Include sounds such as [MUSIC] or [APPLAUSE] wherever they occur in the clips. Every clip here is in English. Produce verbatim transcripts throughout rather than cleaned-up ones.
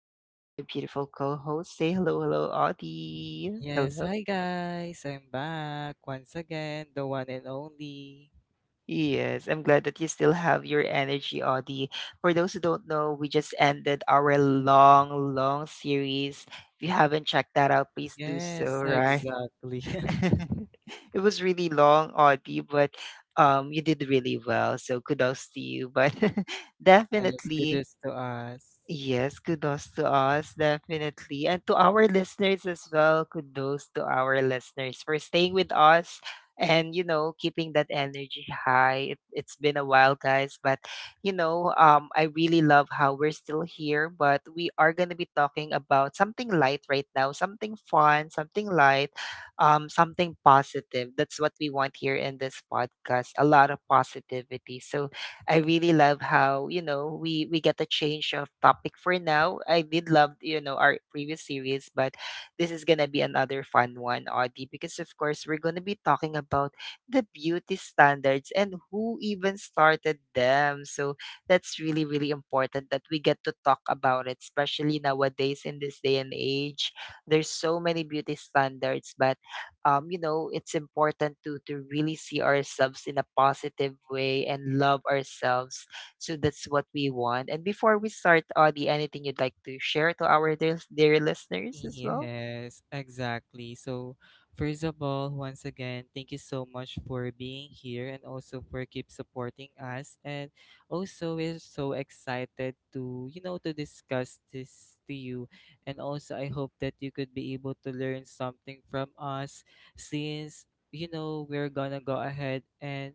I have here my beautiful co-host. Say hello, hello, Audie. Yes, Hello. hi guys. I'm back once again, the one and only. Yes, I'm glad that you still have your energy, Audie. For those who don't know, we just ended our long, long series. If you haven't checked that out, please do so, Yes, right? exactly. [LAUGHS] [LAUGHS] it was really long, Audie, but um, you did really well. So kudos to you. But [LAUGHS] Yes, definitely. goodness to us. Yes, kudos to us, definitely. And to our listeners as well, kudos to our listeners for staying with us and, you know, keeping that energy high. It, it's been a while, guys, but, you know, um, I really love how we're still here, but we are going to be talking about something light right now, something fun, something light, um, something positive. That's what we want here in this podcast, a lot of positivity. So, I really love how, you know, we we get a change of topic for now. I did love, you know, our previous series, but this is gonna be another fun one, Audie, because of course we're gonna be talking about the beauty standards and who even started them. So that's really, really important that we get to talk about it, especially nowadays in this day and age. There's so many beauty standards, but um, you know, it's important to to really see ourselves in a positive way and love ourselves. So that's what we want. And before we start, Audie, anything you'd like to share to our dear, dear listeners as well? Yes, exactly. So, first of all, once again, thank you so much for being here and also for keep supporting us. And also, we're so excited to, you know, to discuss this to you. And also, I hope that you could be able to learn something from us since, you know, we're gonna go ahead and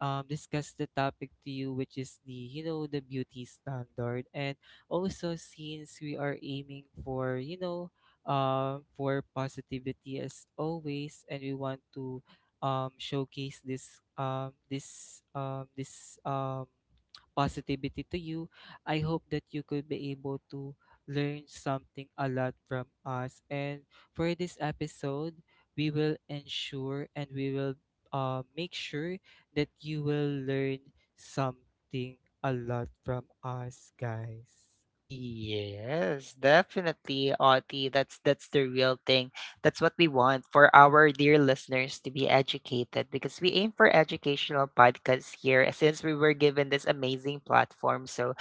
um, discuss the topic to you, which is the, you know, the beauty standard. And also, since we are aiming for, you know, uh, for positivity as always, and we want to um, showcase this um, this um, this um, positivity to you. I hope that you could be able to learn something a lot from us. And for this episode, we will ensure and we will uh, make sure that you will learn something a lot from us, guys. Yes, definitely, Audie. That's that's the real thing. That's what we want for our dear listeners to be educated, because we aim for educational podcasts here, uh, since we were given this amazing platform. So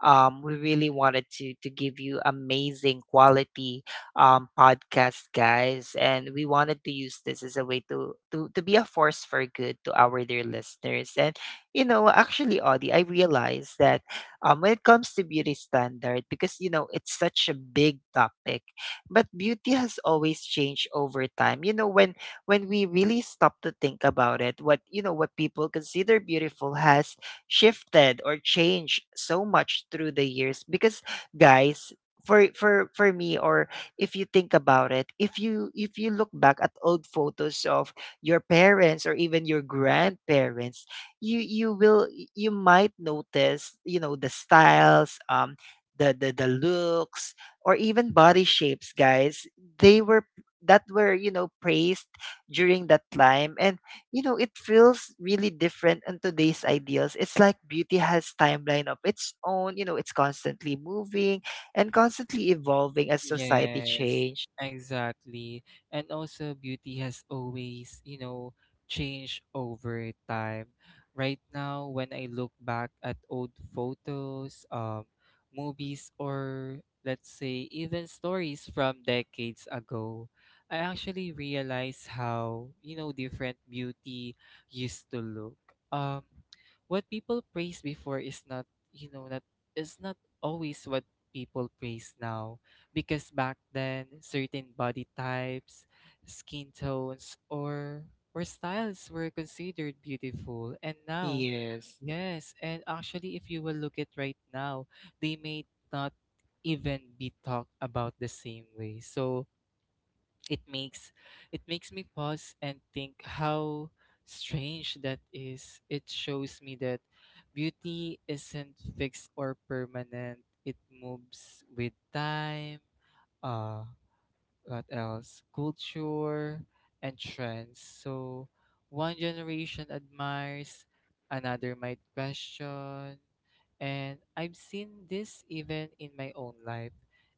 Um, we really wanted to to give you amazing quality um, podcast, guys, and we wanted to use this as a way to to to be a force for good to our dear listeners. And you know, actually, Audie, I realized that, um, when it comes to beauty standard, because, you know it's such a big topic, but beauty has always changed over time. You know, when when we really stop to think about it, what, you know what people consider beautiful has shifted or changed so much through the years, because, guys, for for for me, or if you think about it, if you if you look back at old photos of your parents or even your grandparents, you you will you might notice, you know the styles, um the the, the looks, or even body shapes, guys, they were that were, you know praised during that time, and, you know, it feels really different in today's ideals. It's like beauty has timeline of its own, you know, it's constantly moving and constantly evolving as society Yes, change. exactly. And also, beauty has always, you know, changed over time. Right now, when I look back at old photos, um, movies, or let's say even stories from decades ago, I actually realize how, you know, different beauty used to look. Um, what people praised before is not, you know, not is not always what people praise now because back then certain body types, skin tones, or or styles were considered beautiful. And now, Yes. yes, and actually, if you will look at right now, they may not even be talked about the same way. So it makes it makes me pause and think how strange that is. It shows me that beauty isn't fixed or permanent. It moves with time, uh what else? Culture and trends. So one generation admires, another might question. And I've seen this even in my own life.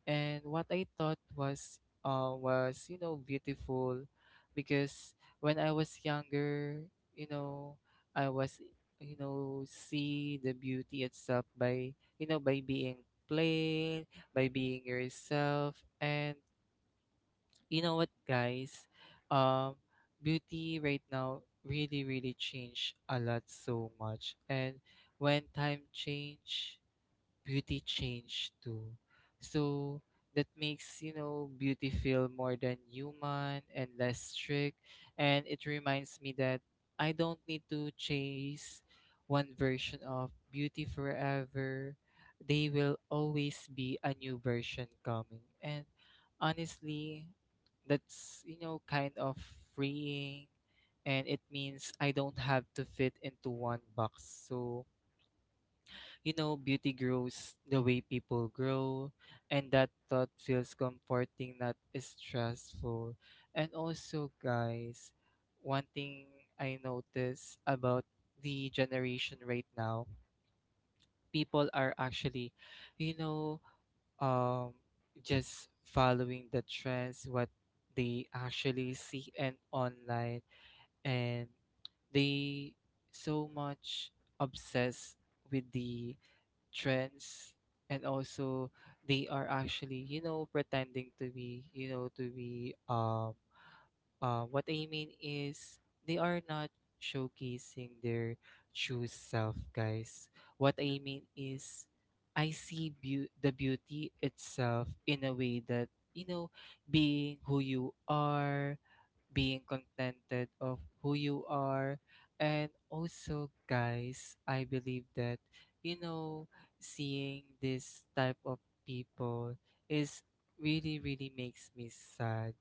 And what I thought was uh, was, you know, beautiful, because when I was younger, you know, I was, you know, see the beauty itself by, you know, by being plain, by being yourself. And you know what, guys? Um, Beauty right now really, really changed a lot so much. And when time change, beauty changed too. So that makes, you know, beauty feel more than human and less strict. And it reminds me that I don't need to chase one version of beauty forever. They will always be a new version coming. And honestly, that's, you know, kind of freeing. And it means I don't have to fit into one box. So you know, beauty grows the way people grow, and that thought feels comforting, not stressful. And also, guys, one thing I notice about the generation right now, people are actually, you know, um, just following the trends, what they actually see and online, and they so much obsessed with the trends. And also they are actually, you know, pretending to be, you know, to be um uh, what I mean is they are not showcasing their true self, guys. What I mean is I see beau- the beauty itself in a way that, you know, being who you are, being contented of who you are. And also, guys, I believe that, you know, seeing this type of people is really, really makes me sad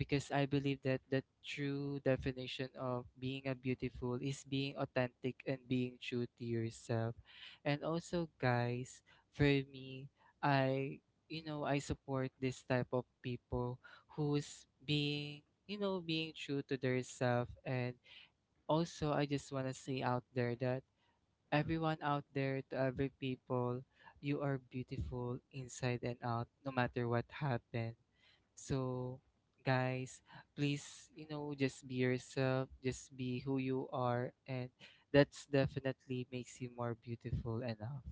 because I believe that the true definition of being a beautiful is being authentic and being true to yourself. And also, guys, for me, I, you know, I support this type of people who's being, you know, being true to themselves. And also I just want to say out there that everyone out there, to every people, you are beautiful inside and out, no matter what happened. So, guys, please, you know, just be yourself, just be who you are, and that's definitely makes you more beautiful enough.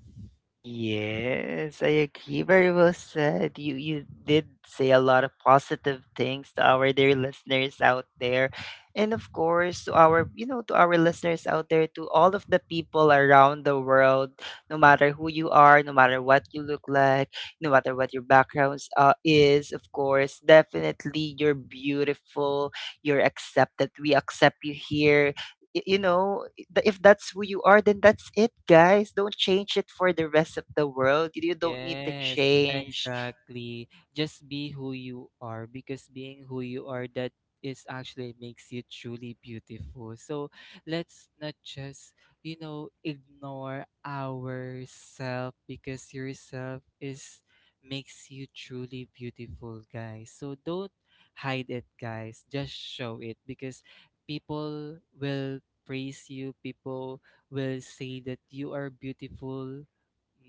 Yes, I agree. Very well said. You you did say a lot of positive things to our dear listeners out there. And of course, to our, you know, to our listeners out there, to all of the people around the world, no matter who you are, no matter what you look like, no matter what your backgrounds uh, is, of course, definitely you're beautiful. You're accepted. We accept you here. Y- You know, th- if that's who you are, then that's it, guys. Don't change it for the rest of the world. You you don't need to Yes, change. exactly. Just be who you are because being who you are, that is actually makes you truly beautiful. So let's not just, you know, ignore ourself because yourself is makes you truly beautiful, guys. So don't hide it, guys. Just show it because people will praise you. People will say that you are beautiful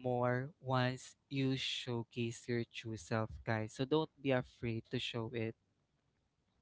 more once you showcase your true self, guys. So don't be afraid to show it.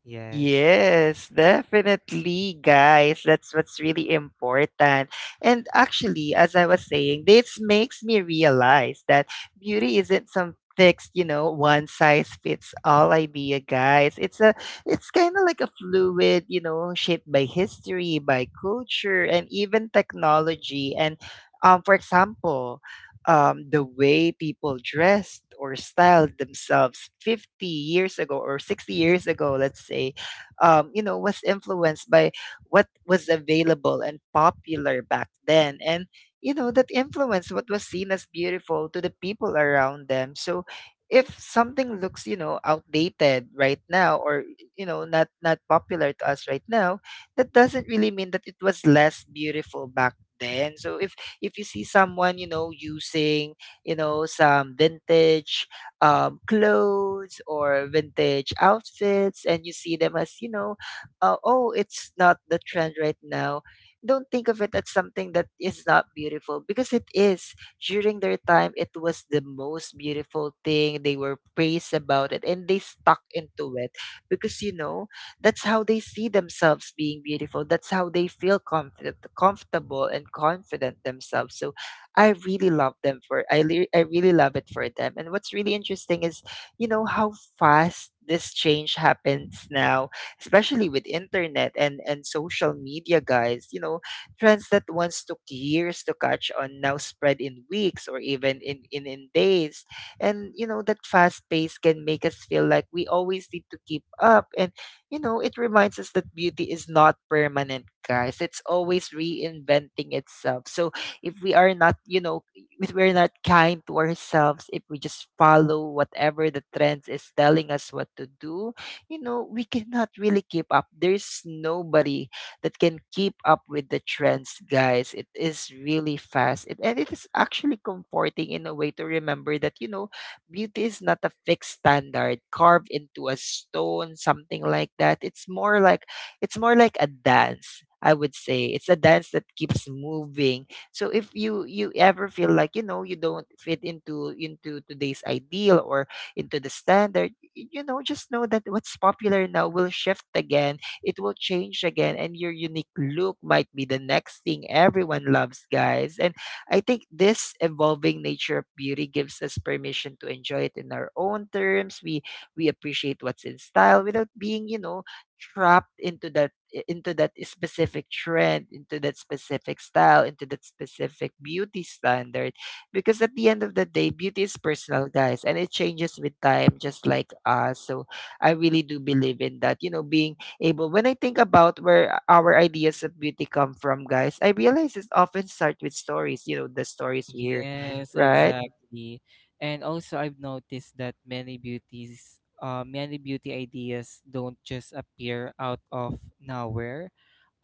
Yes. Yes, definitely, guys. That's what's really important. And actually, as I was saying, this makes me realize that beauty isn't some fixed, you know, one size fits all idea, guys. It's a, it's kind of like a fluid, you know, shaped by history, by culture, and even technology. And, um, for example, um, the way people dressed or styled themselves fifty years ago or sixty years ago, let's say, um, you know, was influenced by what was available and popular back then. And, you know, that influenced what was seen as beautiful to the people around them. So if something looks, you know, outdated right now, or, you know, not, not popular to us right now, that doesn't really mean that it was less beautiful back then. So if if you see someone, you know, using, you know, some vintage, um, clothes or vintage outfits, and you see them as, you know uh, oh, it's not the trend right now, don't think of it as something that is not beautiful, because it is. During their time it was the most beautiful thing. They were praised about it and they stuck into it, because, you know that's how they see themselves being beautiful, that's how they feel comfort- comfortable and confident themselves. So I really love them for, I le- I really love it for them. And what's really interesting is, you know, how fast this change happens now, especially with internet and and social media, guys. You know, trends that once took years to catch on now spread in weeks or even in in, in days. And, you know, that fast pace can make us feel like we always need to keep up. And, you know, it reminds us that beauty is not permanent, guys. It's always reinventing itself. So if we are not you know if we're not kind to ourselves, if we just follow whatever the trends is telling us what to do, you know we cannot really keep up. There's nobody that can keep up with the trends, guys. It is really fast, it, and it is actually comforting in a way to remember that, you know beauty is not a fixed standard carved into a stone, something like that. It's more like, it's more like a dance, I would say. It's a dance that keeps moving. So if you you ever feel like, you know you don't fit into into today's ideal, or into the standard, y- you know just know that what's popular now will shift again. It will change again, and your unique look might be the next thing everyone loves, guys. And I think this evolving nature of beauty gives us permission to enjoy it in our own terms. We we appreciate what's in style without being, you know trapped into that i- into that specific trend, into that specific style, into that specific beauty standard. Because at the end of the day, beauty is personal, guys, and it changes with time, just like us. So I really do believe in that. You know, being able, when I think about where our ideas of beauty come from, guys, I realize it often start with stories, you know, the stories we hear, Yes, right? exactly. And also I've noticed that many beauties, uh, many beauty ideas don't just appear out of nowhere.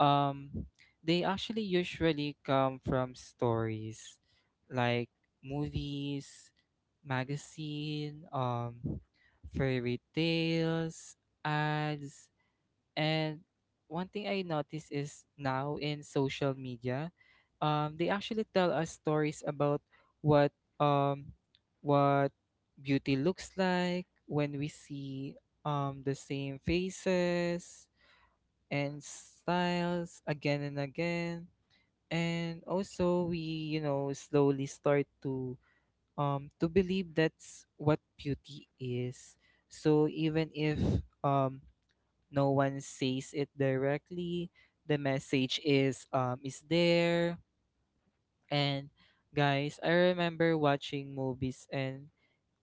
Um they actually usually come from stories like movies, magazine, um fairy tales, ads. And one thing I notice is now in social media, um, they actually tell us stories about what um, what beauty looks like when we see, um, the same faces and styles again and again. And also, we, you know, slowly start to, um, to believe that's what beauty is. So even if, um, no one says it directly, the message is um is there. And guys, I remember watching movies and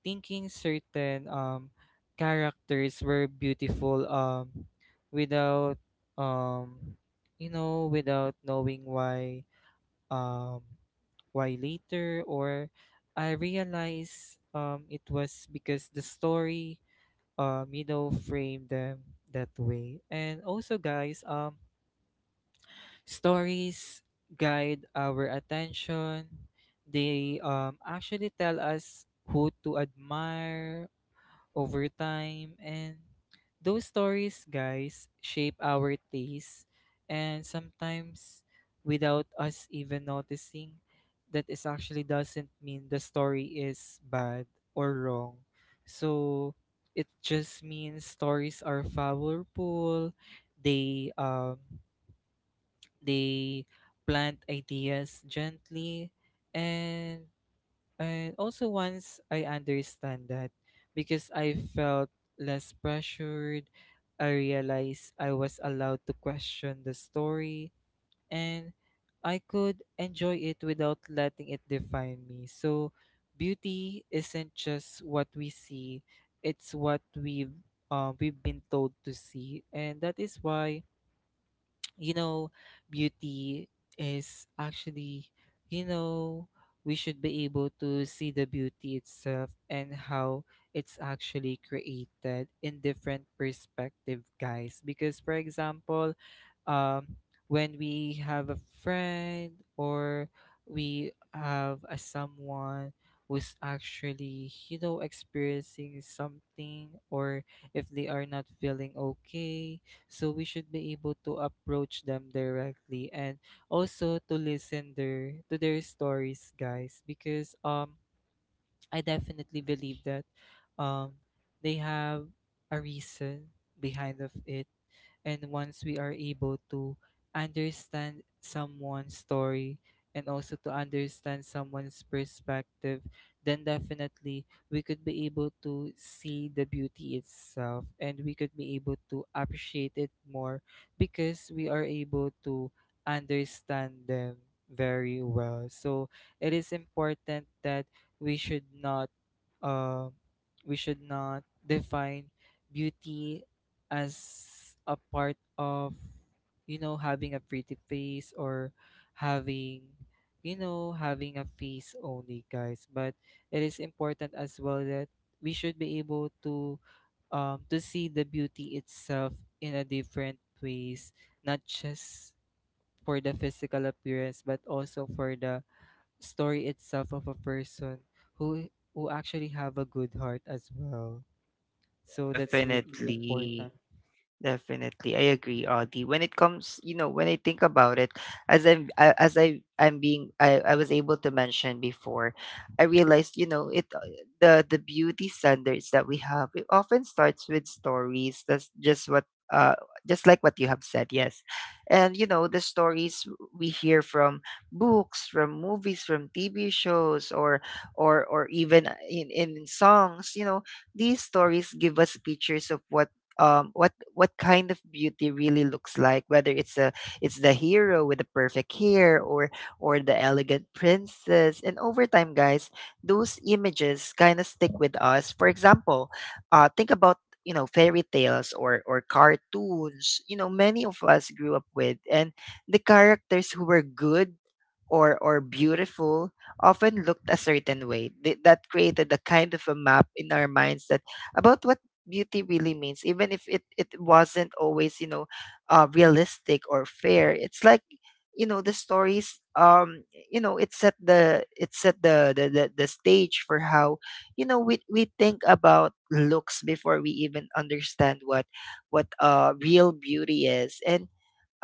thinking certain um characters were beautiful, um without um you know, without knowing why, um why later or I realized um it was because the story, um you know, frame them that way. And also, guys, um stories guide our attention. They um actually tell us who to admire over time. And those stories, guys, shape our taste. And sometimes, without us even noticing, that is actually doesn't mean the story is bad or wrong. So it just means stories are powerful. They um they plant ideas gently. and and also, once I understand that, because I felt less pressured, I realized I was allowed to question the story, and I could enjoy it without letting it define me. So, beauty isn't just what we see, it's what we've, uh, we've been told to see. And that is why, you know, beauty is actually, you know, we should be able to see the beauty itself and how it's actually created in different perspective, guys. Because for example, um, when we have a friend or we have a someone who's actually, you know, experiencing something, or if they are not feeling okay, so we should be able to approach them directly and also to listen their to their stories, guys. Because um I definitely believe that, um, they have a reason behind of it, and once we are able to understand someone's story and also to understand someone's perspective, then definitely we could be able to see the beauty itself, and we could be able to appreciate it more because we are able to understand them very well. So it is important that we should not uh, we should not define beauty as a part of, you know, having a pretty face or having, you know, having a face only, guys. But it is important as well that we should be able to, um, to see the beauty itself in a different ways, not just for the physical appearance but also for the story itself of a person who who actually have a good heart as well. So that's really Definitely. important. Definitely, I agree, Audie. When it comes, you know, when I think about it, as I'm, I, as I, I'm being, I, I was able to mention before, I realized, you know, it, uh, the the beauty standards that we have, it often starts with stories. That's just what, uh, just like what you have said, yes, and, you know, the stories we hear from books, from movies, from T V shows, or, or, or even in in songs. You know, these stories give us pictures of what um, what what kind of beauty really looks like, whether it's a it's the hero with the perfect hair, or or the elegant princess. And over time, guys, those images kind of stick with us. For example, uh, think about, you know fairy tales, or or cartoons, you know many of us grew up with, and the characters who were good, or or beautiful, often looked a certain way. Th- that created a kind of a map in our minds, that about what beauty really means, even if it, it wasn't always, you know uh, realistic or fair. It's like, you know the stories, um you know it set the it set the the, the, the stage for how, you know we, we think about looks before we even understand what what uh real beauty is. And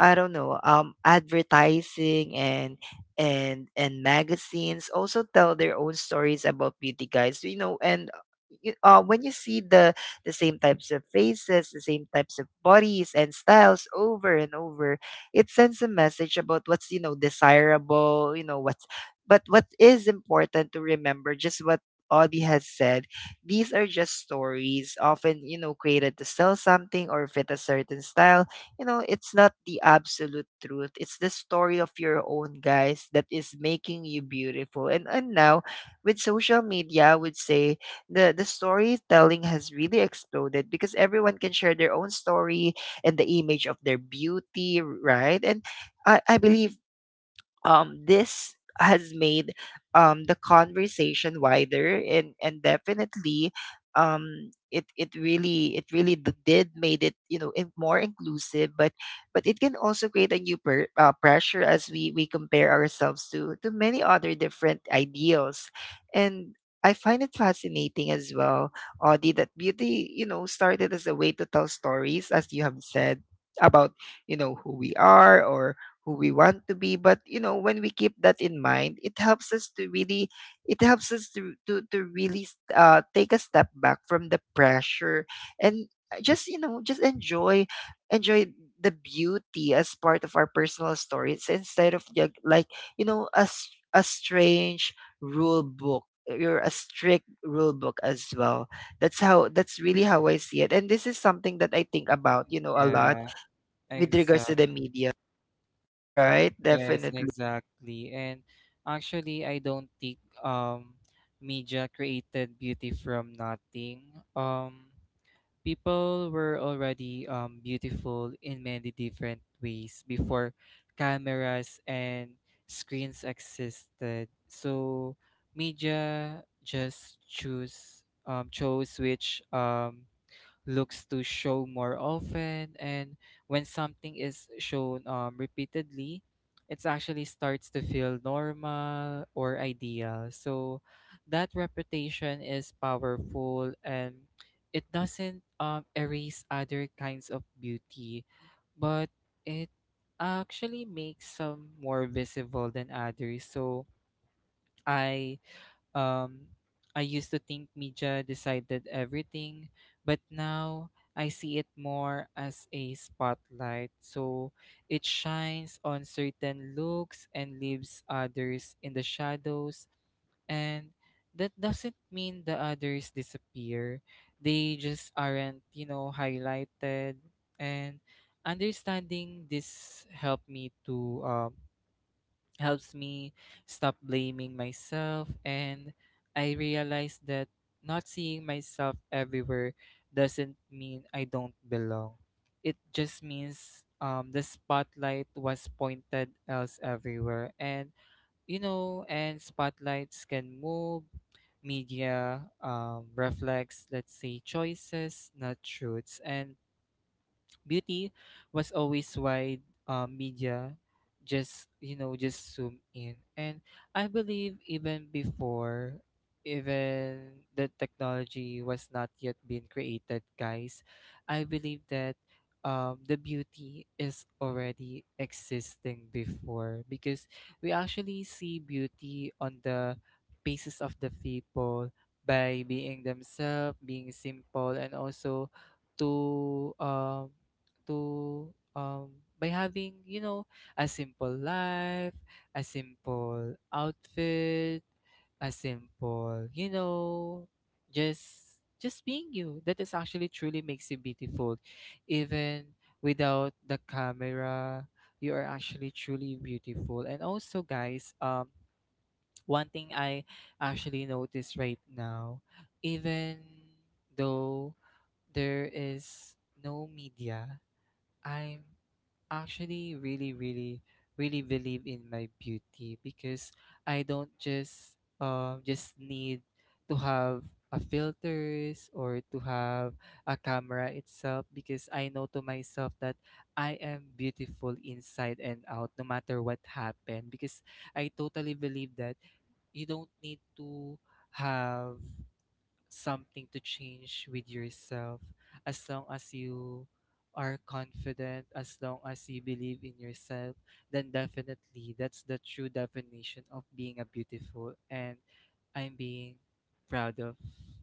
I don't know, um, advertising and and and magazines also tell their own stories about beauty, guys. You know, and uh, you, uh, when you see the the same types of faces, the same types of bodies and styles over and over, it sends a message about what's, you know desirable. You know what's but what is important to remember, just what Audie has said, these are just stories, often, you know created to sell something or fit a certain style. You know, it's not the absolute truth. It's the story of your own, guys, that is making you beautiful. And and now, with social media, I would say, the the storytelling has really exploded, because everyone can share their own story and the image of their beauty, right? And I, I believe um, this has made um, the conversation wider and and definitely, um, it it really it really d- did made it, you know, in, more inclusive, but but it can also create a new per, uh, pressure as we we compare ourselves to to many other different ideals. And I find it fascinating as well, Audie, that beauty, you know, started as a way to tell stories, as you have said, about, you know, who we are or who we want to be. But you know, when we keep that in mind it helps us to really, it helps us to to, to really s- uh, take a step back from the pressure and, uh, just, you know, just enjoy enjoy the beauty as part of our personal stories instead of ju- like you know, a, s- a strange rule book, you're a strict rule book as well. That's how that's really how I see it, and this is something that I think about, you know, a lot Yeah, with regards to exact. the media. Right, Yes, definitely. exactly. And actually, I don't think um media created beauty from nothing. Um, People were already um, beautiful in many different ways before cameras and screens existed. So media just choose um, chose which, um, looks to show more often. And when something is shown, um, repeatedly it actually starts to feel normal or ideal. So that reputation is powerful, and it doesn't, um, erase other kinds of beauty, but it actually makes some more visible than others. So i um, I used to think media decided everything, but now I see it more as a spotlight. So it shines on certain looks and leaves others in the shadows. And that doesn't mean the others disappear, they just aren't, you know, highlighted. And understanding this helped me to um, helps me stop blaming myself. And I realize that not seeing myself everywhere doesn't mean I don't belong. It just means um the spotlight was pointed else everywhere. And you know, and spotlights can move. Media um reflects, let's say, choices, not truths. And beauty was always why, uh, media just, you know, just zoom in. And I believe, even before even the technology was not yet been created, guys, I believe that um, the beauty is already existing before, because we actually see beauty on the faces of the people by being themselves, being simple, and also to um to um by having, you know, a simple life, a simple outfit, a simple, you know, just just being you, that is actually truly makes you beautiful. Even without the camera, you are actually truly beautiful. And also, guys, um one thing I actually notice right now, even though there is no media, I'm actually really, really, really believe in my beauty, because I don't just um just need to have a filters, or to have a camera itself, because I know to myself that I am beautiful inside and out, no matter what happened. Because I totally believe that you don't need to have something to change with yourself. As long as you are confident, as long as you believe in yourself, then definitely that's the true definition of being a beautiful. And I'm being proud of,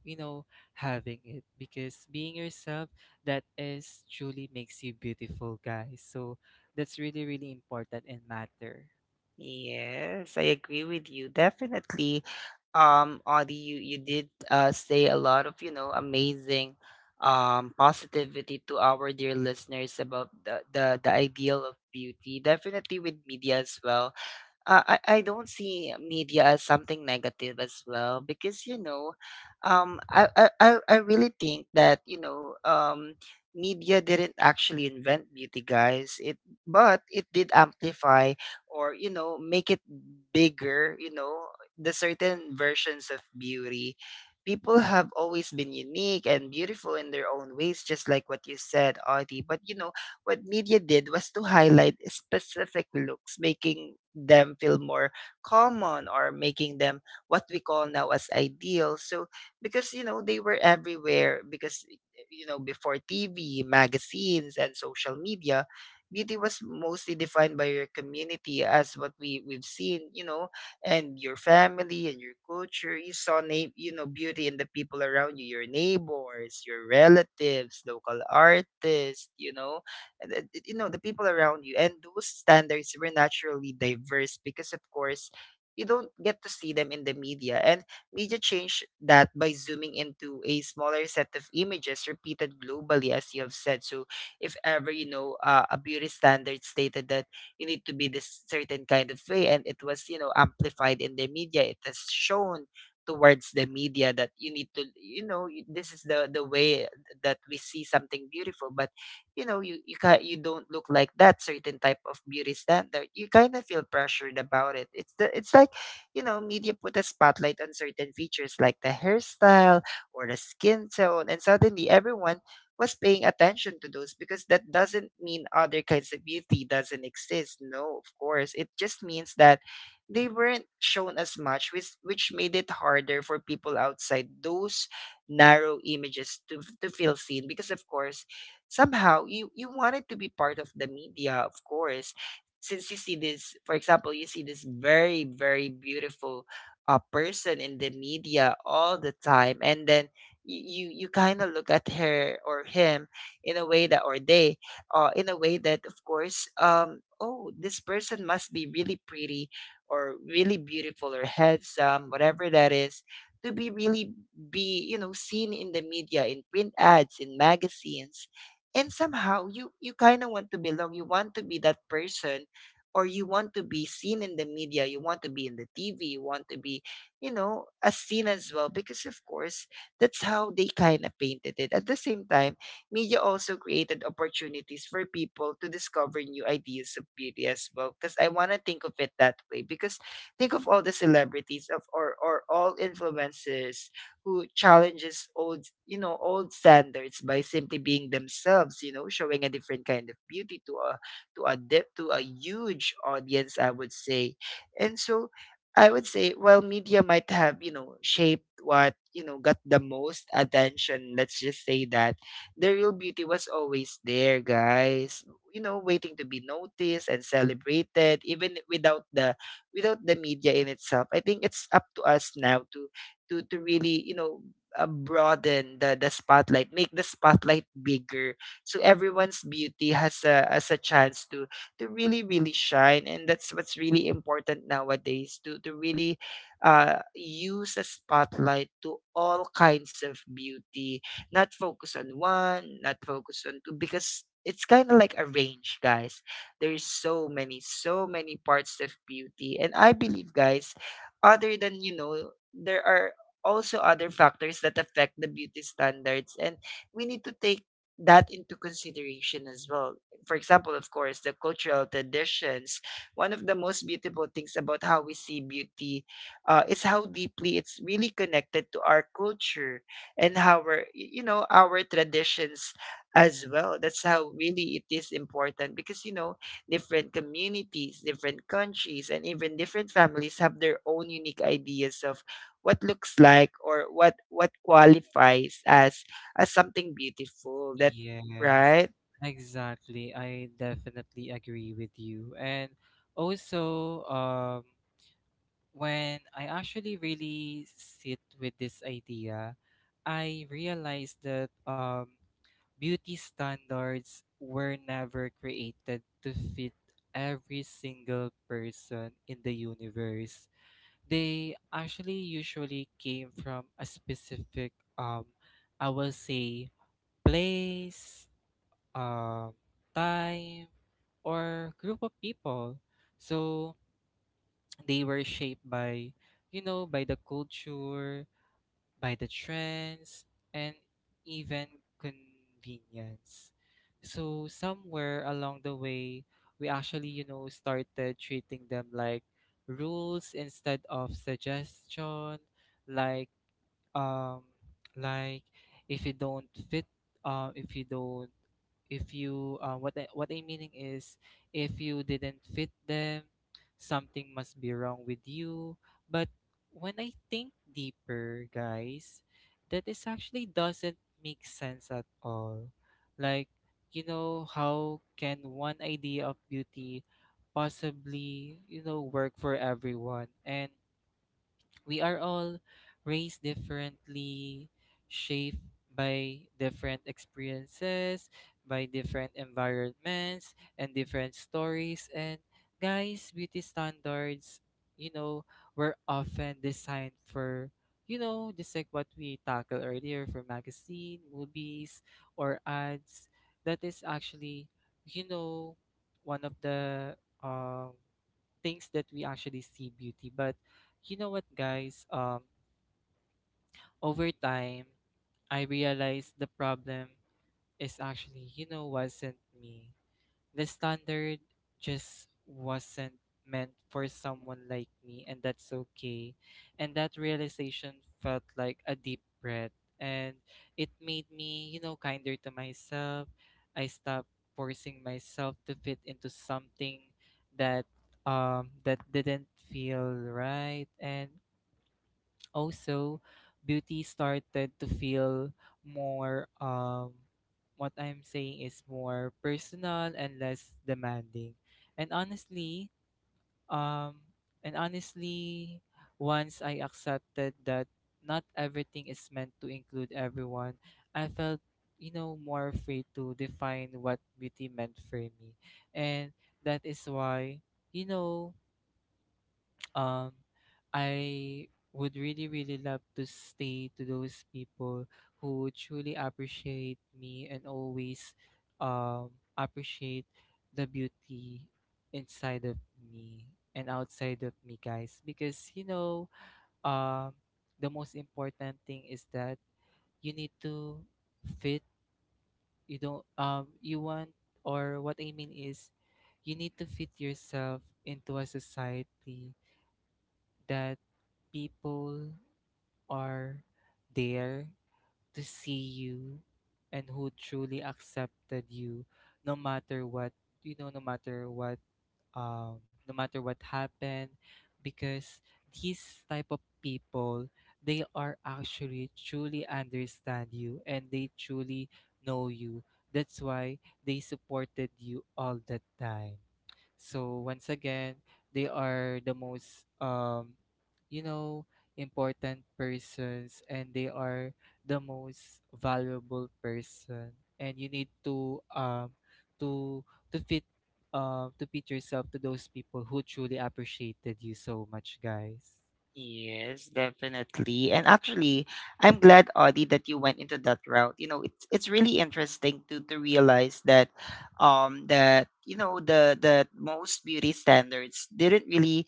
you know, having it, because being yourself, that is truly makes you beautiful, guys. So that's really, really important and matter. Yes, I agree with you. Definitely, um, Audie, you, you did, uh, say a lot of, you know, amazing, um, positivity to our dear listeners about the, the, the ideal of beauty. Definitely with media as well. uh, I, I don't see media as something negative as well, because you know, um I, I i I really think that, you know, um media didn't actually invent beauty, guys. It But it did amplify or, you know, make it bigger, you know, the certain versions of beauty. People have always been unique and beautiful in their own ways, just like what you said, Audie. But you know, what media did was to highlight specific looks, making them feel more common or making them what we call now as ideal. So, because you know, they were everywhere. Because you know, before T V, magazines and social media, beauty was mostly defined by your community, as what we we've seen, you know, and your family and your culture. You saw na- you know, beauty in the people around you, your neighbors, your relatives, local artists, you know, and then, you know, the people around you, and those standards were naturally diverse because of course you don't get to see them in the media. And media changed that by zooming into a smaller set of images repeated globally, as you have said. So if ever, you know, uh, a beauty standard stated that you need to be this certain kind of way, and it was, you know, amplified in the media, it has shown towards the media that you need to, you know, y- this is the the way that we see something beautiful. But you know, you you ca- you don't look like that certain type of beauty standard, you kind of feel pressured about it. It's the it's like, you know, media put a spotlight on certain features like the hairstyle or the skin tone, and suddenly everyone was paying attention to those. Because that doesn't mean other kinds of beauty doesn't exist. No, of course. It just means that they weren't shown as much, which which made it harder for people outside those narrow images to to feel seen. Because of course, somehow you you wanted to be part of the media. Of course, since you see this, for example, you see this very, very beautiful, uh, person in the media all the time, and then you you, you kind of look at her or him in a way that, or they, uh, in a way that, of course, um oh, this person must be really pretty or really beautiful or handsome, whatever that is, to be really be you know, seen in the media, in print ads, in magazines. And somehow you you kind of want to belong, you want to be that person, or you want to be seen in the media, you want to be in the TV, you want to be, you know, as seen as well. Because of course, that's how they kind of painted it. At the same time, media also created opportunities for people to discover new ideas of beauty as well, because I want to think of it that way. Because think of all the celebrities of or or all influencers who challenges old, you know, old standards by simply being themselves, you know, showing a different kind of beauty to a to a dip, to a huge audience, I would say. And so I would say, while media might have, you know, shaped what, you know, got the most attention, let's just say that the real beauty was always there, guys. You know, waiting to be noticed and celebrated, even without the without the media in itself. I think it's up to us now to to to really, you know, uh, broaden the the spotlight, make the spotlight bigger, so everyone's beauty has a has a chance to to really, really shine. And that's what's really important nowadays, to to really, uh use a spotlight to all kinds of beauty, not focus on one, not focus on two. Because it's kind of like a range, guys. There's so many, so many parts of beauty. And I believe, guys, other than, you know, there are also other factors that affect the beauty standards, and we need to take that into consideration as well. For example, of course, the cultural traditions, one of the most beautiful things about how we see beauty, uh, is how deeply it's really connected to our culture and how our y- you know, our traditions as well. That's how really it is important. Because you know, different communities, different countries, and even different families have their own unique ideas of what looks like, or what what qualifies as as something beautiful. That Yes, Right? exactly. I definitely agree with you. And also, um, when I actually really sit with this idea, I realized that um, beauty standards were never created to fit every single person in the universe. They actually usually came from a specific, um, I will say, place, um, time, or group of people. So they were shaped by, you know, by the culture, by the trends, and even convenience. So somewhere along the way, we actually, you know, started treating them like rules instead of suggestion, like um like if you don't fit, uh if you don't if you uh, what I, what I'm meaning is, if you didn't fit them, something must be wrong with you. But when I think deeper, guys, that is actually doesn't make sense at all. Like, you know, how can one idea of beauty possibly, you know, work for everyone? And we are all raised differently, shaped by different experiences, by different environments, and different stories. And guys, beauty standards, you know, were often designed for, you know, just like what we tackled earlier, for magazine, movies, or ads. That is actually, you know, one of the um, things that we actually see beauty. But you know what, guys? Um, over time, I realized the problem is actually, you know, wasn't me. The standard just wasn't meant for someone like me, and that's okay. And that realization felt like a deep breath, and it made me, you know, kinder to myself. I stopped forcing myself to fit into something that, um that didn't feel right. And also, beauty started to feel more, um what I'm saying is, more personal and less demanding. And honestly, um and honestly, once I accepted that not everything is meant to include everyone, I felt, you know, more free to define what beauty meant for me. And that is why, you know, um I would really, really love to stay to those people who truly appreciate me and always, um, appreciate the beauty inside of me and outside of me, guys. Because, you know, um, the most important thing is that you need to fit. You don't, um, you want, or what I mean is, you need to fit yourself into a society that people are there to see you and who truly accepted you, no matter what, you know, no matter what um, no matter what happened. Because these type of people, they are actually truly understand you, and they truly know you. That's why they supported you all the time. So once again, they are the most, um you know, important persons, and they are the most valuable person. And you need to um to to fit, uh, to beat yourself to those people who truly appreciated you so much, guys. Yes, definitely. And actually, I'm glad, Audie, that you went into that route. You know, it's it's really interesting to to realize that, um that you know, the the most beauty standards didn't really,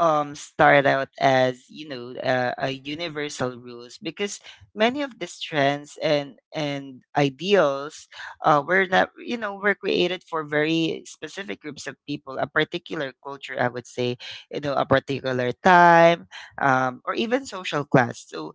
um start out as, you know, uh, a universal rules. Because many of these trends and and ideals, uh were not, you know, were created for very specific groups of people, a particular culture, I would say, you know, a particular time, um, or even social class. So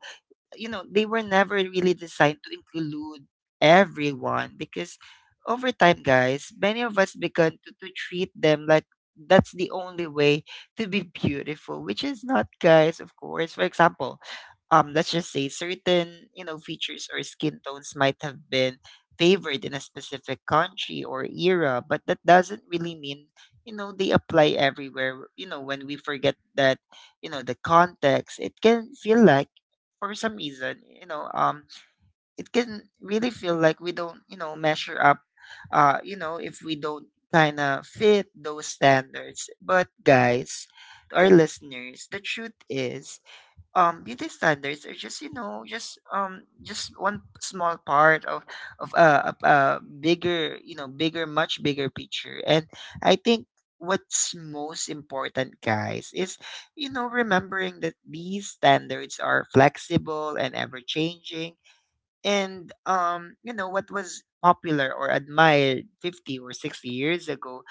you know, they were never really designed to include everyone. Because over time, guys, many of us began to, to treat them like that's the only way to be beautiful, which is not, guys, of course. For example, um let's just say, certain, you know, features or skin tones might have been favored in a specific country or era, but that doesn't really mean, you know, they apply everywhere. You know, when we forget that, you know, the context, it can feel like, for some reason, you know, um, it can really feel like we don't, you know, measure up, uh, you know, if we don't kind of fit those standards. But guys, to our listeners, the truth is, um beauty standards are just, you know, just um just one small part of of a, a, a bigger, you know, bigger much bigger picture. And I think what's most important, guys, is, you know, remembering that these standards are flexible and ever changing. And um you know, what was popular or admired fifty or sixty years ago,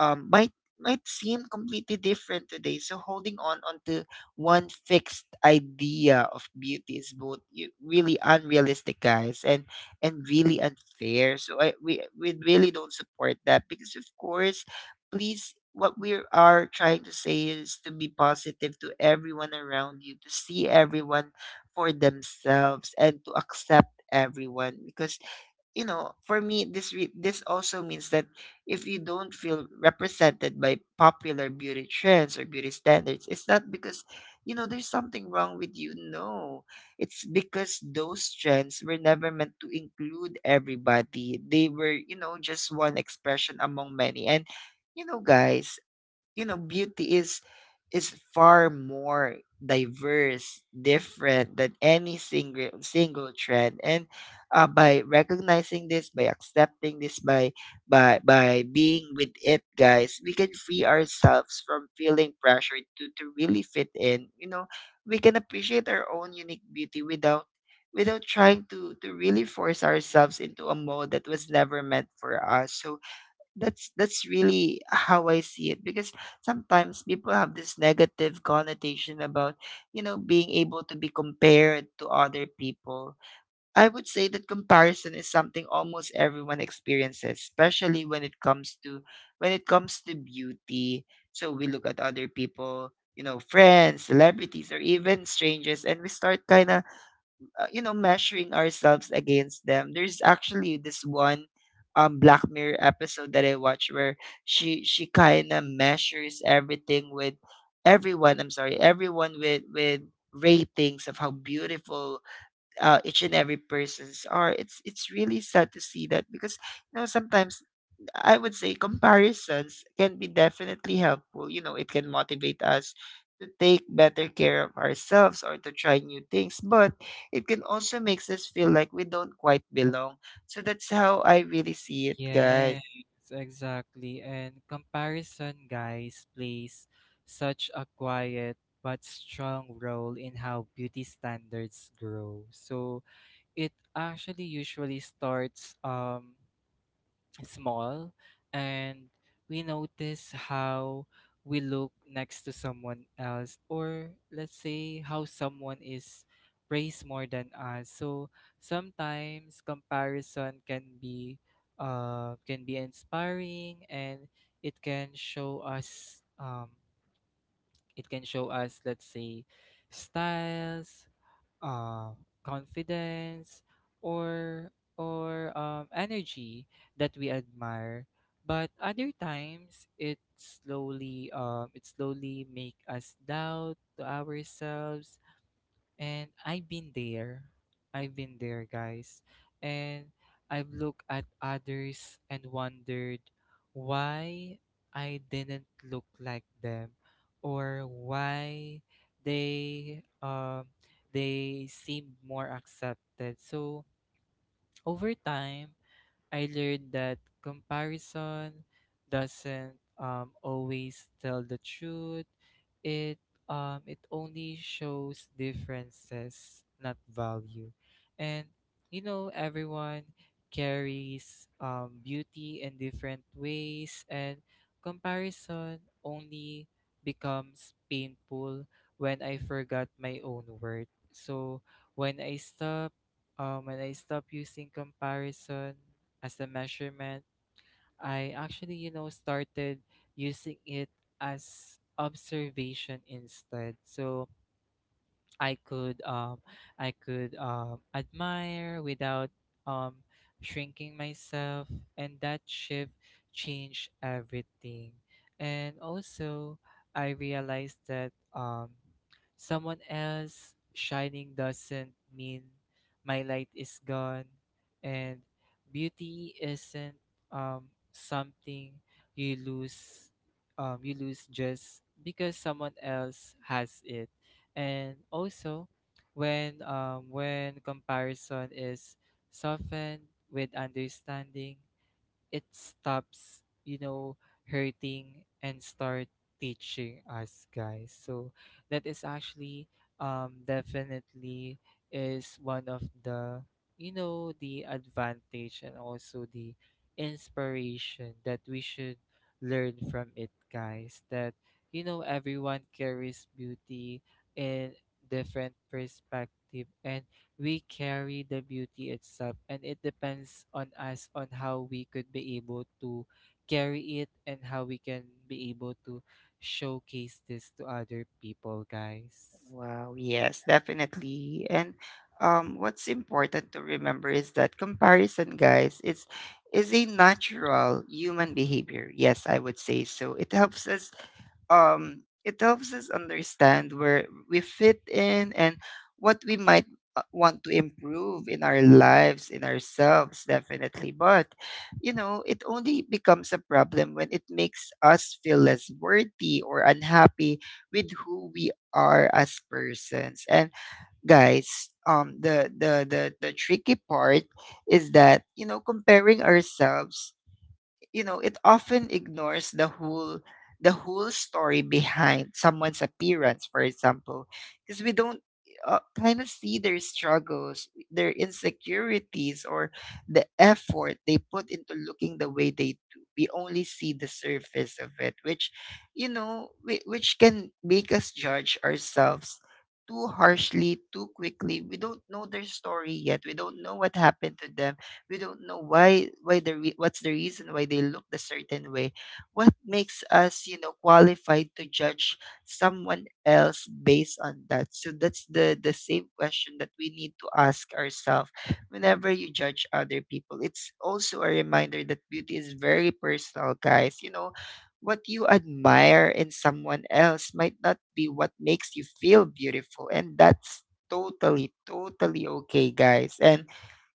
um might might seem completely different today. So holding on onto one fixed idea of beauty is both y- really unrealistic, guys, and and really unfair. So I, we we really don't support that. Because of course, please, what we are trying to say is to be positive to everyone around you, to see everyone for themselves, and to accept everyone. Because you know, for me, this re- this also means that if you don't feel represented by popular beauty trends or beauty standards, it's not because, you know, there's something wrong with you. No, it's because those trends were never meant to include everybody. They were, you know, just one expression among many. And you know, guys, you know, beauty is is far more diverse, different than any single single trend. And, uh, by recognizing this, by accepting this, by by by being with it, guys, we can free ourselves from feeling pressure to to really fit in. You know, we can appreciate our own unique beauty without without trying to to really force ourselves into a mode that was never meant for us. So that's that's really how I see it. Because sometimes people have this negative connotation about, you know, being able to be compared to other people. I would say that comparison is something almost everyone experiences, especially when it comes to when it comes to beauty. So we look at other people, you know, friends, celebrities, or even strangers, and we start kind of uh, you know measuring ourselves against them. There's actually this one um Black Mirror episode that I watched where she she kind of measures everything with everyone, I'm sorry, everyone with with ratings of how beautiful, uh, each and every persons are. It's it's really sad to see that because, you know, sometimes I would say comparisons can be definitely helpful. You know, it can motivate us to take better care of ourselves or to try new things, but it can also makes us feel like we don't quite belong. So that's how I really see it, guys. Yes, exactly. And comparison, guys, plays such a quiet but strong role in how beauty standards grow. So it actually usually starts um small, and we notice how we look next to someone else, or let's say how someone is praised more than us. So sometimes comparison can be, uh, can be inspiring, and it can show us, um, it can show us let's say styles, uh, confidence, or or um, energy that we admire. But other times it slowly, um, it slowly make us doubt to ourselves. And I've been there. I've been there, guys. And I've looked at others and wondered why I didn't look like them, or why they, um they seemed more accepted. So over time I learned that comparison doesn't, um, always tell the truth. It, um, it only shows differences, not value. And you know, everyone carries, um, beauty in different ways, and comparison only becomes painful when I forgot my own worth. So when I stop, um, when I stop using comparison as the measurement. I actually, you know, started using it as observation instead. So I could, um I could um admire without, um shrinking myself, and that shift changed everything. And also I realized that, um someone else shining doesn't mean my light is gone. And beauty isn't, um something you lose, um you lose just because someone else has it. And also, when um, when comparison is softened with understanding, it stops, you know, hurting and start teaching us, guys. So that is actually, um definitely is one of the, you know, the advantage and also the inspiration that we should learn from it, guys. That, you know, everyone carries beauty in different perspective, and we carry the beauty itself, and it depends on us on how we could be able to carry it, and how we can be able to showcase this to other people, guys. Wow, yes, definitely. And um, what's important to remember is that comparison, guys, it's is a natural human behavior. Yes, I would say so. It helps us, um it helps us understand where we fit in and what we might, uh, want to improve in our lives, in ourselves, definitely. But you know, it only becomes a problem when it makes us feel less worthy or unhappy with who we are as persons. And guys, um the the the the tricky part is that, you know, comparing ourselves, you know, it often ignores the whole the whole story behind someone's appearance, for example, because we don't, uh, kind of see their struggles, their insecurities, or the effort they put into looking the way they do. We only see the surface of it, which, you know, whi- which can make us judge ourselves too harshly, too quickly. We don't know their story yet. We don't know what happened to them. We don't know why why the re- what's the reason why they look the certain way. What makes us, you know, qualified to judge someone else based on that? So that's the the same question that we need to ask ourselves whenever you judge other people. It's also a reminder that beauty is very personal, guys. You know, what you admire in someone else might not be what makes you feel beautiful, and that's totally totally okay, guys. And,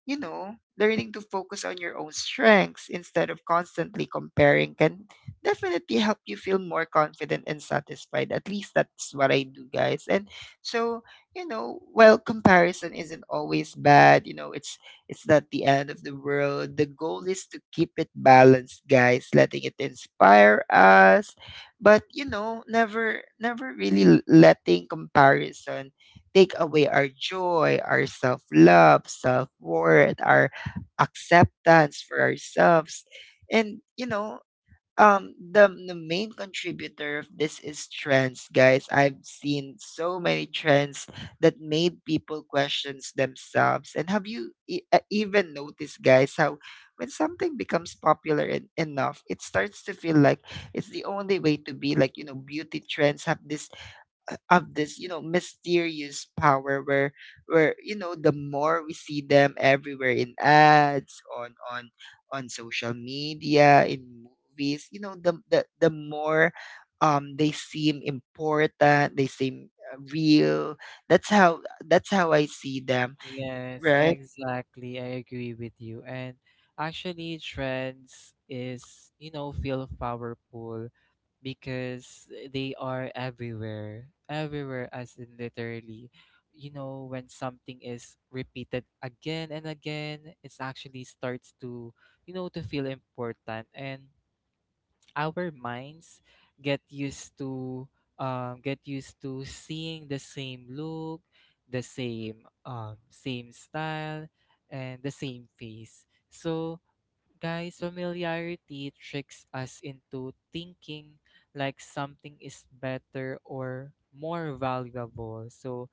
you know, learning to focus on your own strengths instead of constantly comparing can definitely help you feel more confident and satisfied. At least that's what I do, guys. And so, you know, while comparison isn't always bad, you know, it's it's not the end of the world. The goal is to keep it balanced, guys, letting it inspire us, but you know, never never really l- letting comparison take away our joy, our self love, self worth, our acceptance for ourselves. And, you know, um, the, the main contributor of this is trends, guys. I've seen so many trends that made people questions themselves. And have you, e- uh, even noticed, guys, how when something becomes popular en- enough, it starts to feel like it's the only way to be. Like, you know, beauty trends have this of this you know, mysterious power where where you know, the more we see them everywhere, in ads, on on on social media, in movies, you know, the the, the more um they seem important, they seem, uh, real. That's how that's how I see them. Yes, Right. exactly. I agree with you. And actually, trends is, you know, feel powerful because they are everywhere, everywhere, as in literally. You know, when something is repeated again and again, it's actually starts to, you know, to feel important. And our minds get used to, um, get used to seeing the same look, the same, um, same style, and the same face. So guys, familiarity tricks us into thinking like something is better or more valuable. So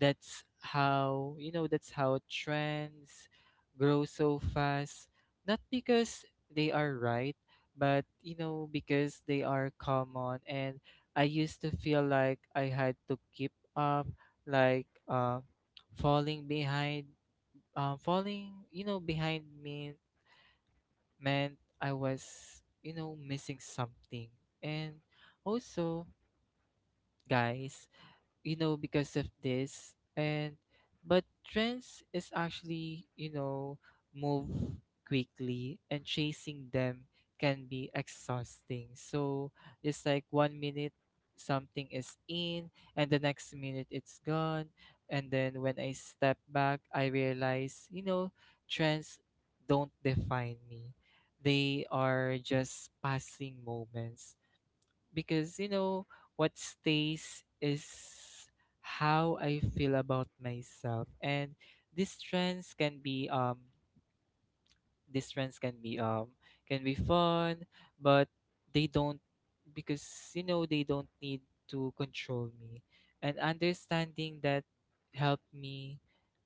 that's how, you know, that's how trends grow so fast. Not because they are right, but, you know, because they are common. And I used to feel like I had to keep up, like, uh, falling behind, um, falling, you know, behind me, meant I was, you know, missing something. And also, guys, you know, because of this, and but trends is actually, you know, move quickly, and chasing them can be exhausting. So it's like one minute something is in, and the next minute it's gone. And then when I step back, I realize, you know, trends don't define me. They are just passing moments. Because, you know, what stays is how I feel about myself. And these trends can be, um these trends can be um can be fun, but they don't, because, you know, they don't need to control me. And understanding that helped me,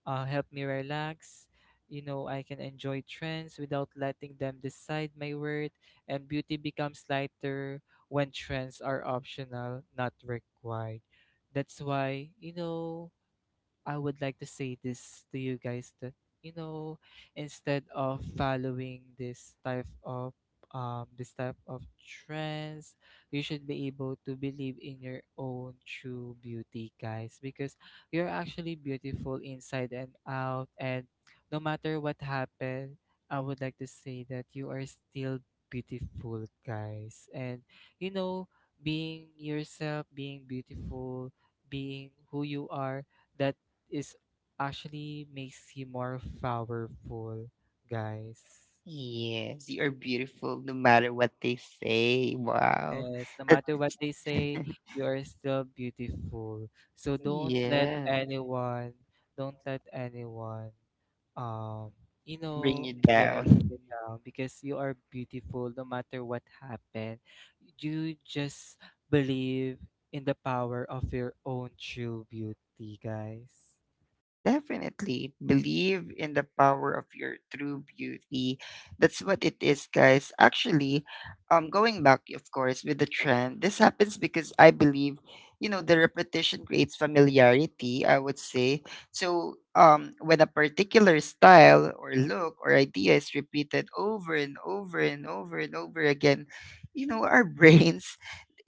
uh help me relax. You know, I can enjoy trends without letting them decide my worth. And beauty becomes lighter when trends are optional, not required. That's why, you know, I would like to say this to you guys, that you know, instead of following this type of, um this type of trends, you should be able to believe in your own true beauty, guys, because you're actually beautiful inside and out. And no matter what happened, I would like to say that you are still beautiful, guys. And you know, being yourself, being beautiful, being who you are, that is actually makes you more powerful, guys. Yes, you are beautiful no matter what they say. Wow. Yes, no That, matter what they say, [LAUGHS] you are still beautiful. So don't let yeah. anyone, don't let anyone, um, you Bring know, you yeah, bring down. it down, because you are beautiful no matter what happened. You just believe in the power of your own true beauty, guys. Definitely believe in the power of your true beauty. That's what it is, guys. Actually, um, going back, of course, with the trend, this happens because I believe, you know, the repetition creates familiarity, I would say. So, um, when a particular style or look or idea is repeated over and over and over and over again, you know, our [LAUGHS] brains,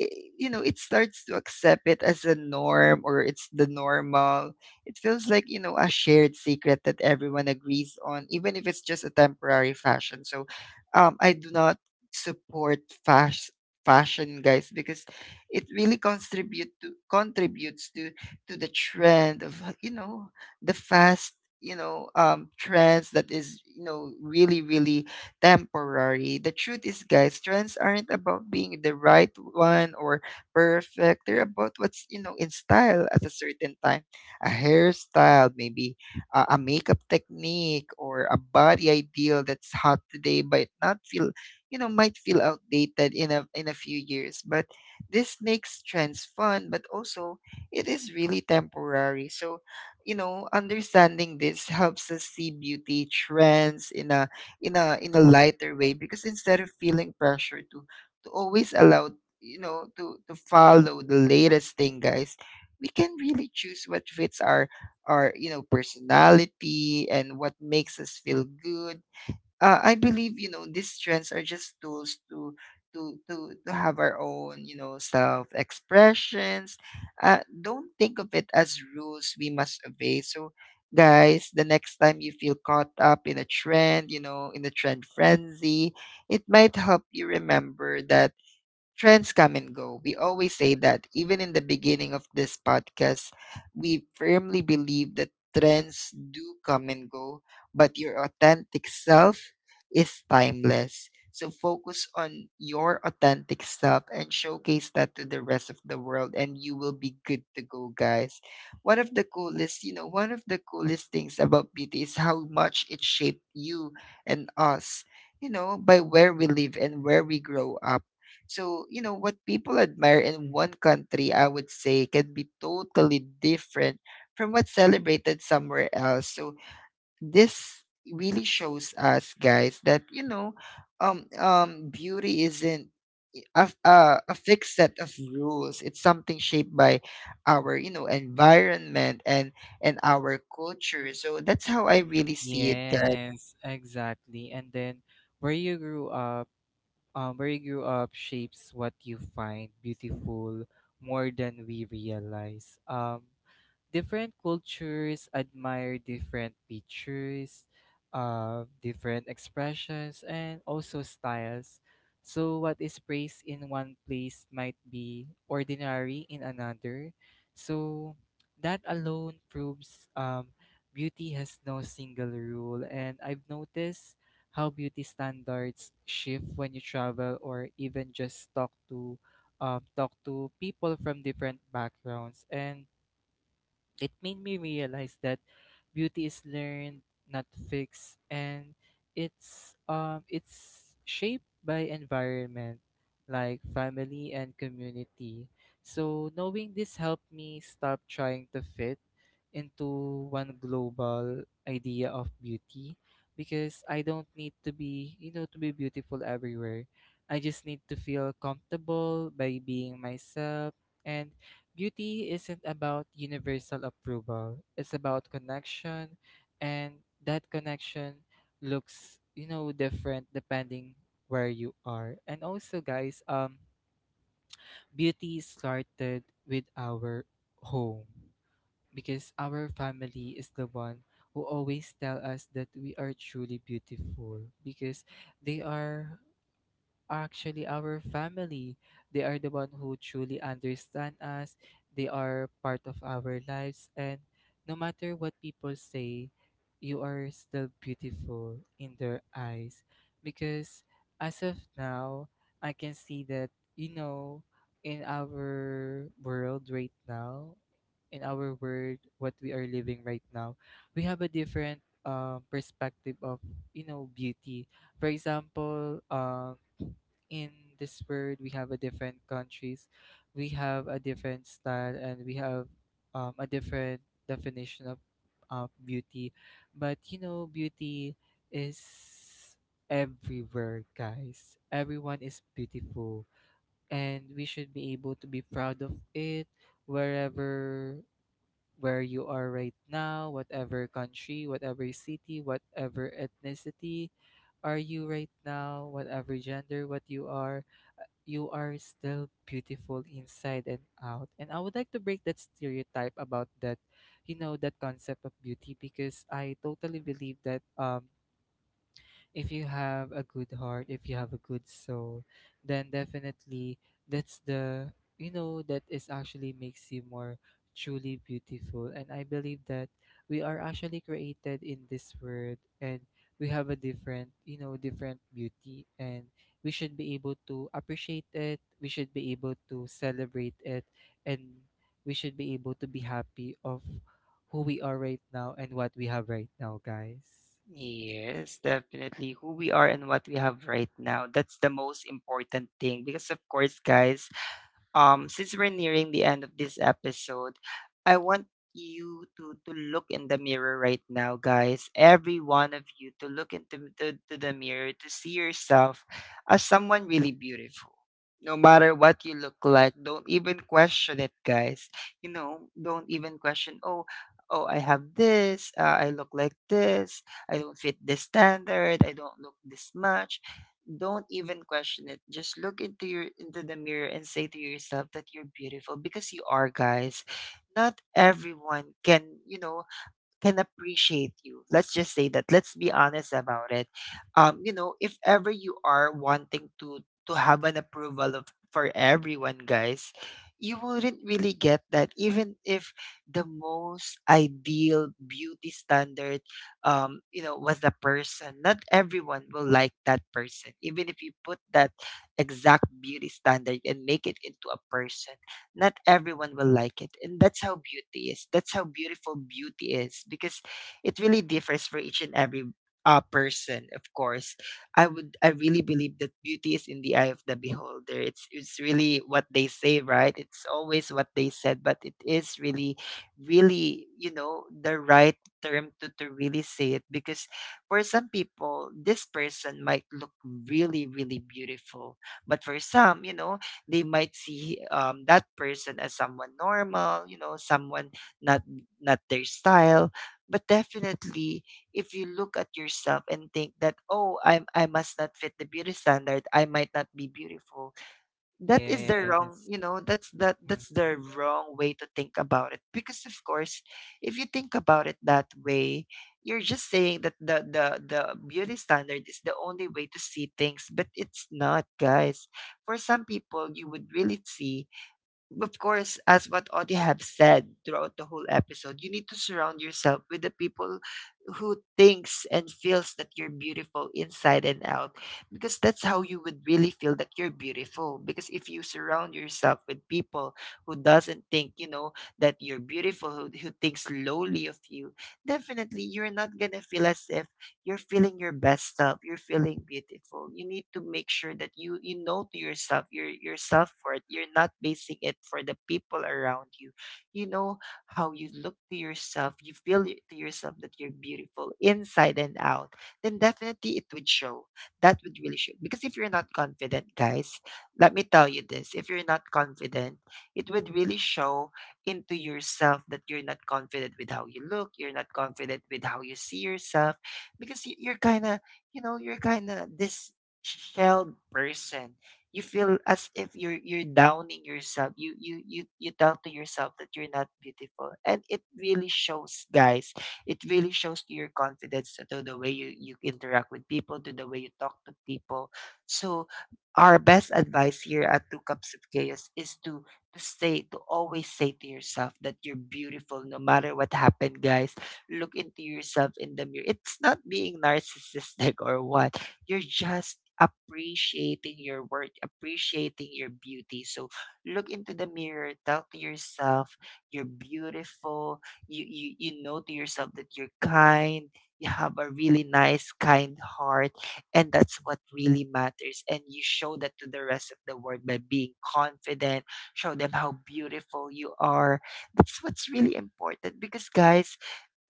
i- you know, it starts to accept it as a norm, or it's the normal. It feels like, you know, a shared secret that everyone agrees on, even if it's just a temporary fashion. So, um, I do not support fas- fashion, guys, because it really contribute to contributes to to the trend of, you know, the fast, you know, um trends that is, you know, really really temporary. The truth is, guys, trends aren't about being the right one or perfect. They're about what's, you know, in style at a certain time. A hairstyle, maybe a, a makeup technique, or a body ideal that's hot today but not feel, you know, might feel outdated in a in a few years. But this makes trends fun, but also it is really temporary. So, you know, understanding this helps us see beauty trends in a in a in a lighter way, because instead of feeling pressure to to always allow, you know, to to follow the latest thing, guys, we can really choose what fits our our, you know, personality, and what makes us feel good. uh, I believe, you know, these trends are just tools to to to to have our own, you know, self expressions. Uh, don't think of it as rules we must obey. So, guys, the next time you feel caught up in a trend, you know, in a trend frenzy, it might help you remember that Trends come and go. We always say that. Even in the beginning of this podcast, we firmly believe that trends do come and go, but your authentic self is timeless. So focus on your authentic self and showcase that to the rest of the world, and you will be good to go, guys. One of the coolest, you know, one of the coolest things about beauty is how much it shaped you and us, you know, by where we live and where we grow up. So, you know, what people admire in one country, I would say, can be totally different from what's celebrated somewhere else. So, this really shows us, guys, that, you know, um, um, beauty isn't i- a, f- uh, a fixed set of rules. It's something shaped by our, you know, environment, and and our culture. So, that's how I really see it. Yes, exactly. And then where you grew up, um, where you grew up shapes what you find beautiful more than we realize. Um, different cultures admire different pictures, uh, different expressions, and also styles. So what is praised in one place might be ordinary in another. So that alone proves, um, beauty has no single rule. And I've noticed how beauty standards shift when you travel, or even just talk to, um, talk to people from different backgrounds. And it made me realize that beauty is learned, not fixed, and it's, um it's shaped by environment, like family and community. So knowing this helped me stop trying to fit into one global idea of beauty, because I don't need to be, you know, to be beautiful everywhere. I just need to feel comfortable by being myself. And beauty isn't about universal approval. It's about connection, and that connection looks, you know, different depending where you are. And also, guys, um, beauty started with our home, because our family is the one who always tell us that we are truly beautiful, because they are actually our family. They are the one who truly understand us. They are part of our lives. And no matter what people say, you are still beautiful in their eyes. Because as of now, I can see that, you know, in our world right now, in our world what we are living right now, we have a different, um, perspective of, you know, beauty. For example, um in this world we have a different countries, we have a different style, and we have um, a different definition of uh, beauty. But you know beauty is everywhere, guys. Everyone is beautiful and we should be able to be proud of it, wherever where you are right now, whatever country, whatever city, whatever ethnicity are you right now, whatever gender what you are, you are still beautiful inside and out. And I would like to break that stereotype about that, you know, that concept of beauty, because I totally believe that um if you have a good heart, if you have a good soul, then definitely that's the you know that is actually makes you more truly beautiful. And I believe that we are actually created in this world, and we have a different, you know, different beauty, and we should be able to appreciate it, we should be able to celebrate it, and we should be able to be happy of who we are right now and what we have right now, guys. Yes, definitely. Who we are and what we have right now, that's the most important thing. Because, of course, guys, um since we're nearing the end of this episode, I want you to to look in the mirror right now, guys, every one of you, to look into to, to the mirror, to see yourself as someone really beautiful, no matter what you look like. Don't even question it, guys. You know, don't even question, oh, oh I have this, uh, I look like this, I don't fit this standard, I don't look this much. Don't even question it. Just look into your into the mirror and say to yourself that you're beautiful, because you are, guys. Not everyone can, you know, can appreciate you. Let's just say that. Let's be honest about it. Um, you know, if ever you are wanting to to have an approval of, for everyone, guys, you wouldn't really get that. Even if the most ideal beauty standard, um, you know, was the person. Not everyone will like that person. Even if you put that exact beauty standard and make it into a person, not everyone will like it. And that's how beauty is. That's how beautiful beauty is, because it really differs for each and every, uh, person, of course. I would I really believe that beauty is in the eye of the beholder. It's it's really what they say, right? It's always what they said, but it is really really, you know, the right term to, to really say it, because for some people this person might look really really beautiful, but for some, you know, they might see, um, that person as someone normal, you know, someone not not their style. But definitely, if you look at yourself and think that, oh, I am I must not fit the beauty standard, I might not be beautiful, that is the wrong, Yes. you know, that's that Mm. that's the wrong way to think about it, because, of course, if you think about it that way, you're just saying that the the the beauty standard is the only way to see things, but it's not, guys. For some people you would really see, of course, as what Audie have said throughout the whole episode, you need to surround yourself with the people who thinks and feels that you're beautiful inside and out, because that's how you would really feel that you're beautiful. Because if you surround yourself with people who doesn't think, you know, that you're beautiful, who, who thinks lowly of you, definitely you're not gonna feel as if you're feeling your best self, you're feeling beautiful. You need to make sure that you you know, to yourself, your your self worth, you're not basing it for the people around you, you know, how you look to yourself, you feel, y- to yourself that you're beautiful inside and out, then definitely it would show. That would really show, because if you're not confident, guys, let me tell you this, if you're not confident, it would really show into yourself that you're not confident with how you look, you're not confident with how you see yourself, because, y- you're kind of, you know, you're kind of this shelled person. You feel as if you're you're downing yourself, you you you you tell to yourself that you're not beautiful, and it really shows, guys. It really shows to your confidence, to the way you you interact with people, to the way you talk to people. So our best advice here at Two Cups of Chaos is to to say, to always say to yourself that you're beautiful, no matter what happened, guys. Look into yourself in the mirror. It's not being narcissistic, [LAUGHS] or what. You're just appreciating your work, appreciating your beauty. So look into the mirror, tell to yourself you're beautiful. You you you know to yourself that you're kind. You have a really nice, kind heart, and that's what really matters. And you show that to the rest of the world by being confident, show them how beautiful you are. That's what's really important, because, guys,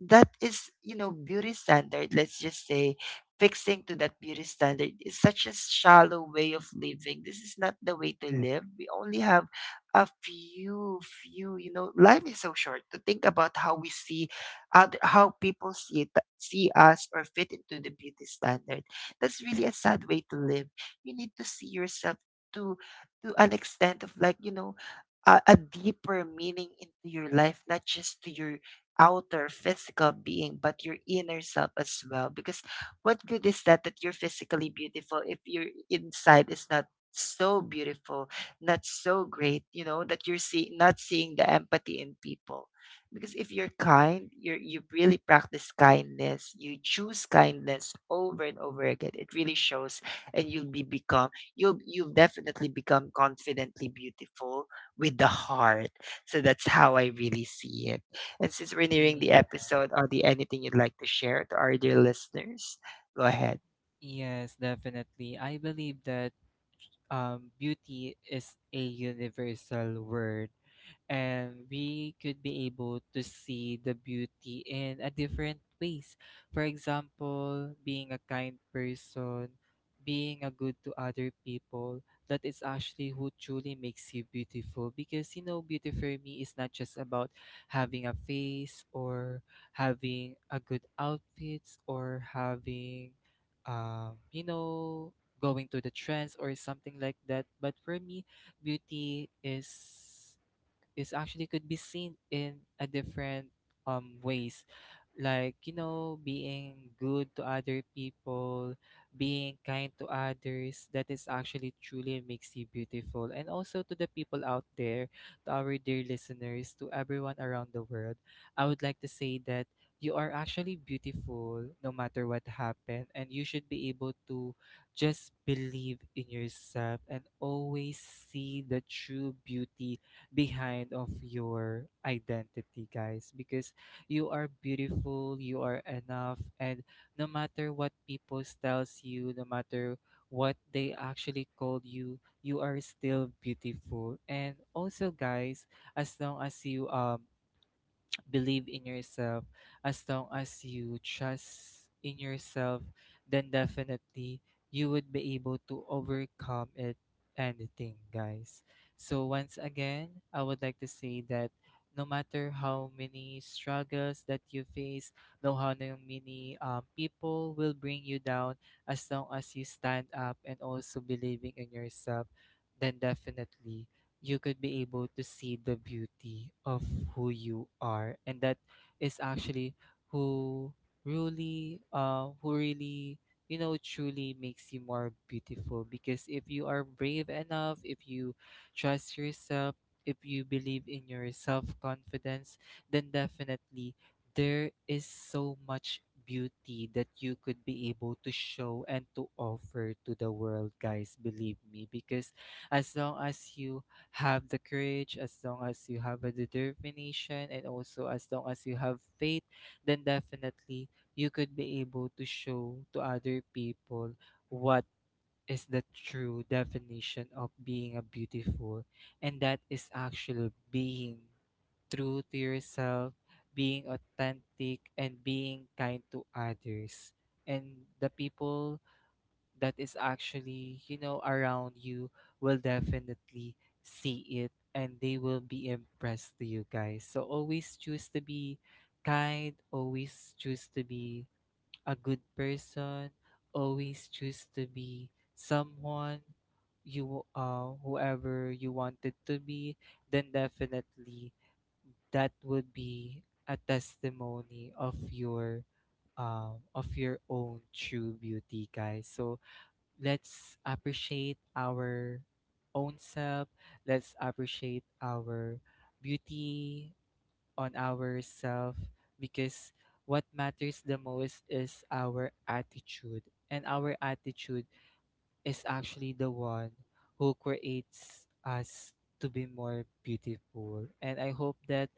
that is, you know, beauty standard. Let's just say fixing to that beauty standard is such a shallow way of living. This is not the way to live. We only have a few, few, you know, life is so short to think about how we see other, how people see it, see us, or fit into the beauty standard. That's really a sad way to live. You need to see yourself to to an extent of like, you know, a, a deeper meaning into your life, not just to your outer physical being but your inner self as well, because what good is that that you're physically beautiful if your inside is not so beautiful, not so great, you know, that you're seeing, not seeing the empathy in people, because if you're kind, you you really practice kindness, you choose kindness over and over again, it really shows. And you'll be become you'll you'll definitely become confidently beautiful with the heart. So that's how I really see it. And since we're nearing the Yeah. episode, are there anything you'd like to share to our dear listeners? Go ahead. Yes, definitely. I believe that um, beauty is a universal word, and we could be able to see the beauty in a different ways. For example, being a kind person, being a good to other people, that is actually who truly makes you beautiful, because you know beauty for me is not just about having a face, or having a good outfits, or having um you know going to the trends or something like that. But for me, beauty is is actually could be seen in a different um ways, like you know, being good to other people, being kind to others, that is actually truly makes you beautiful. And also, to the people out there, to our dear listeners, to everyone around the world, I would like to say that you are actually beautiful no matter what happened, and you should be able to just believe in yourself and always see the true beauty behind of your identity, guys, because you are beautiful, you are enough, and no matter what people tells you, no matter what they actually called you, you are still beautiful. And also, guys, as long as you um believe in yourself, as long as you trust in yourself, then definitely you would be able to overcome it anything, guys. So once again, I would like to say that no matter how many struggles that you face, no how no many um, people will bring you down, as long as you stand up and also believing in yourself, then definitely you could be able to see the beauty of who you are, and that is actually who really uh who really you know truly makes you more beautiful, because if you are brave enough, if you trust yourself, if you believe in your self confidence, then definitely there is so much beauty that you could be able to show and to offer to the world, guys. Believe me, because as long as you have the courage, as long as you have a determination, and also as long as you have faith, then definitely you could be able to show to other people what is the true definition of being a beautiful. And that is actually being true to yourself, being authentic, and being kind to others. And the people that is actually, you know, around you will definitely see it, and they will be impressed to you, guys. So always choose to be kind, always choose to be a good person, always choose to be someone, you uh whoever you wanted to be, then definitely that would be a testimony of your um of your own true beauty, guys. So let's appreciate our own self, let's appreciate our beauty on ourself, because what matters the most is our attitude, and our attitude is actually the one who creates us to be more beautiful. And I hope that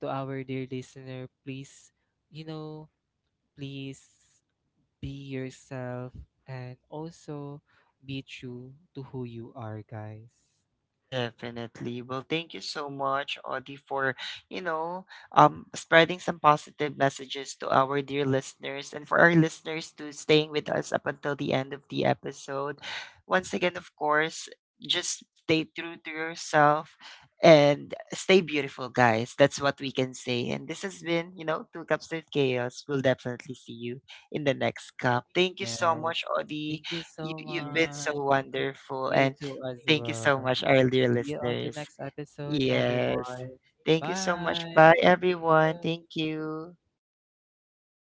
to our dear listener, please, you know, please be yourself and also be true to who you are, guys. Definitely. Well, thank you so much, Audie, for you know um spreading some positive messages to our dear listeners, and for our listeners to staying with us up until the end of the episode. Once again, of course, just stay true to yourself and stay beautiful, guys. That's what we can say. And this has been, you know, Two Cups of Chaos. We'll definitely see you in the next cup. Thank you so much, Yes. Audie. Thank you You so You've been so much. wonderful, You and too as thank you so well. much, our dear See you on the listeners. next episode, Yes. everyone. Thank you so much. Bye. Bye, everyone. Yeah. Thank you.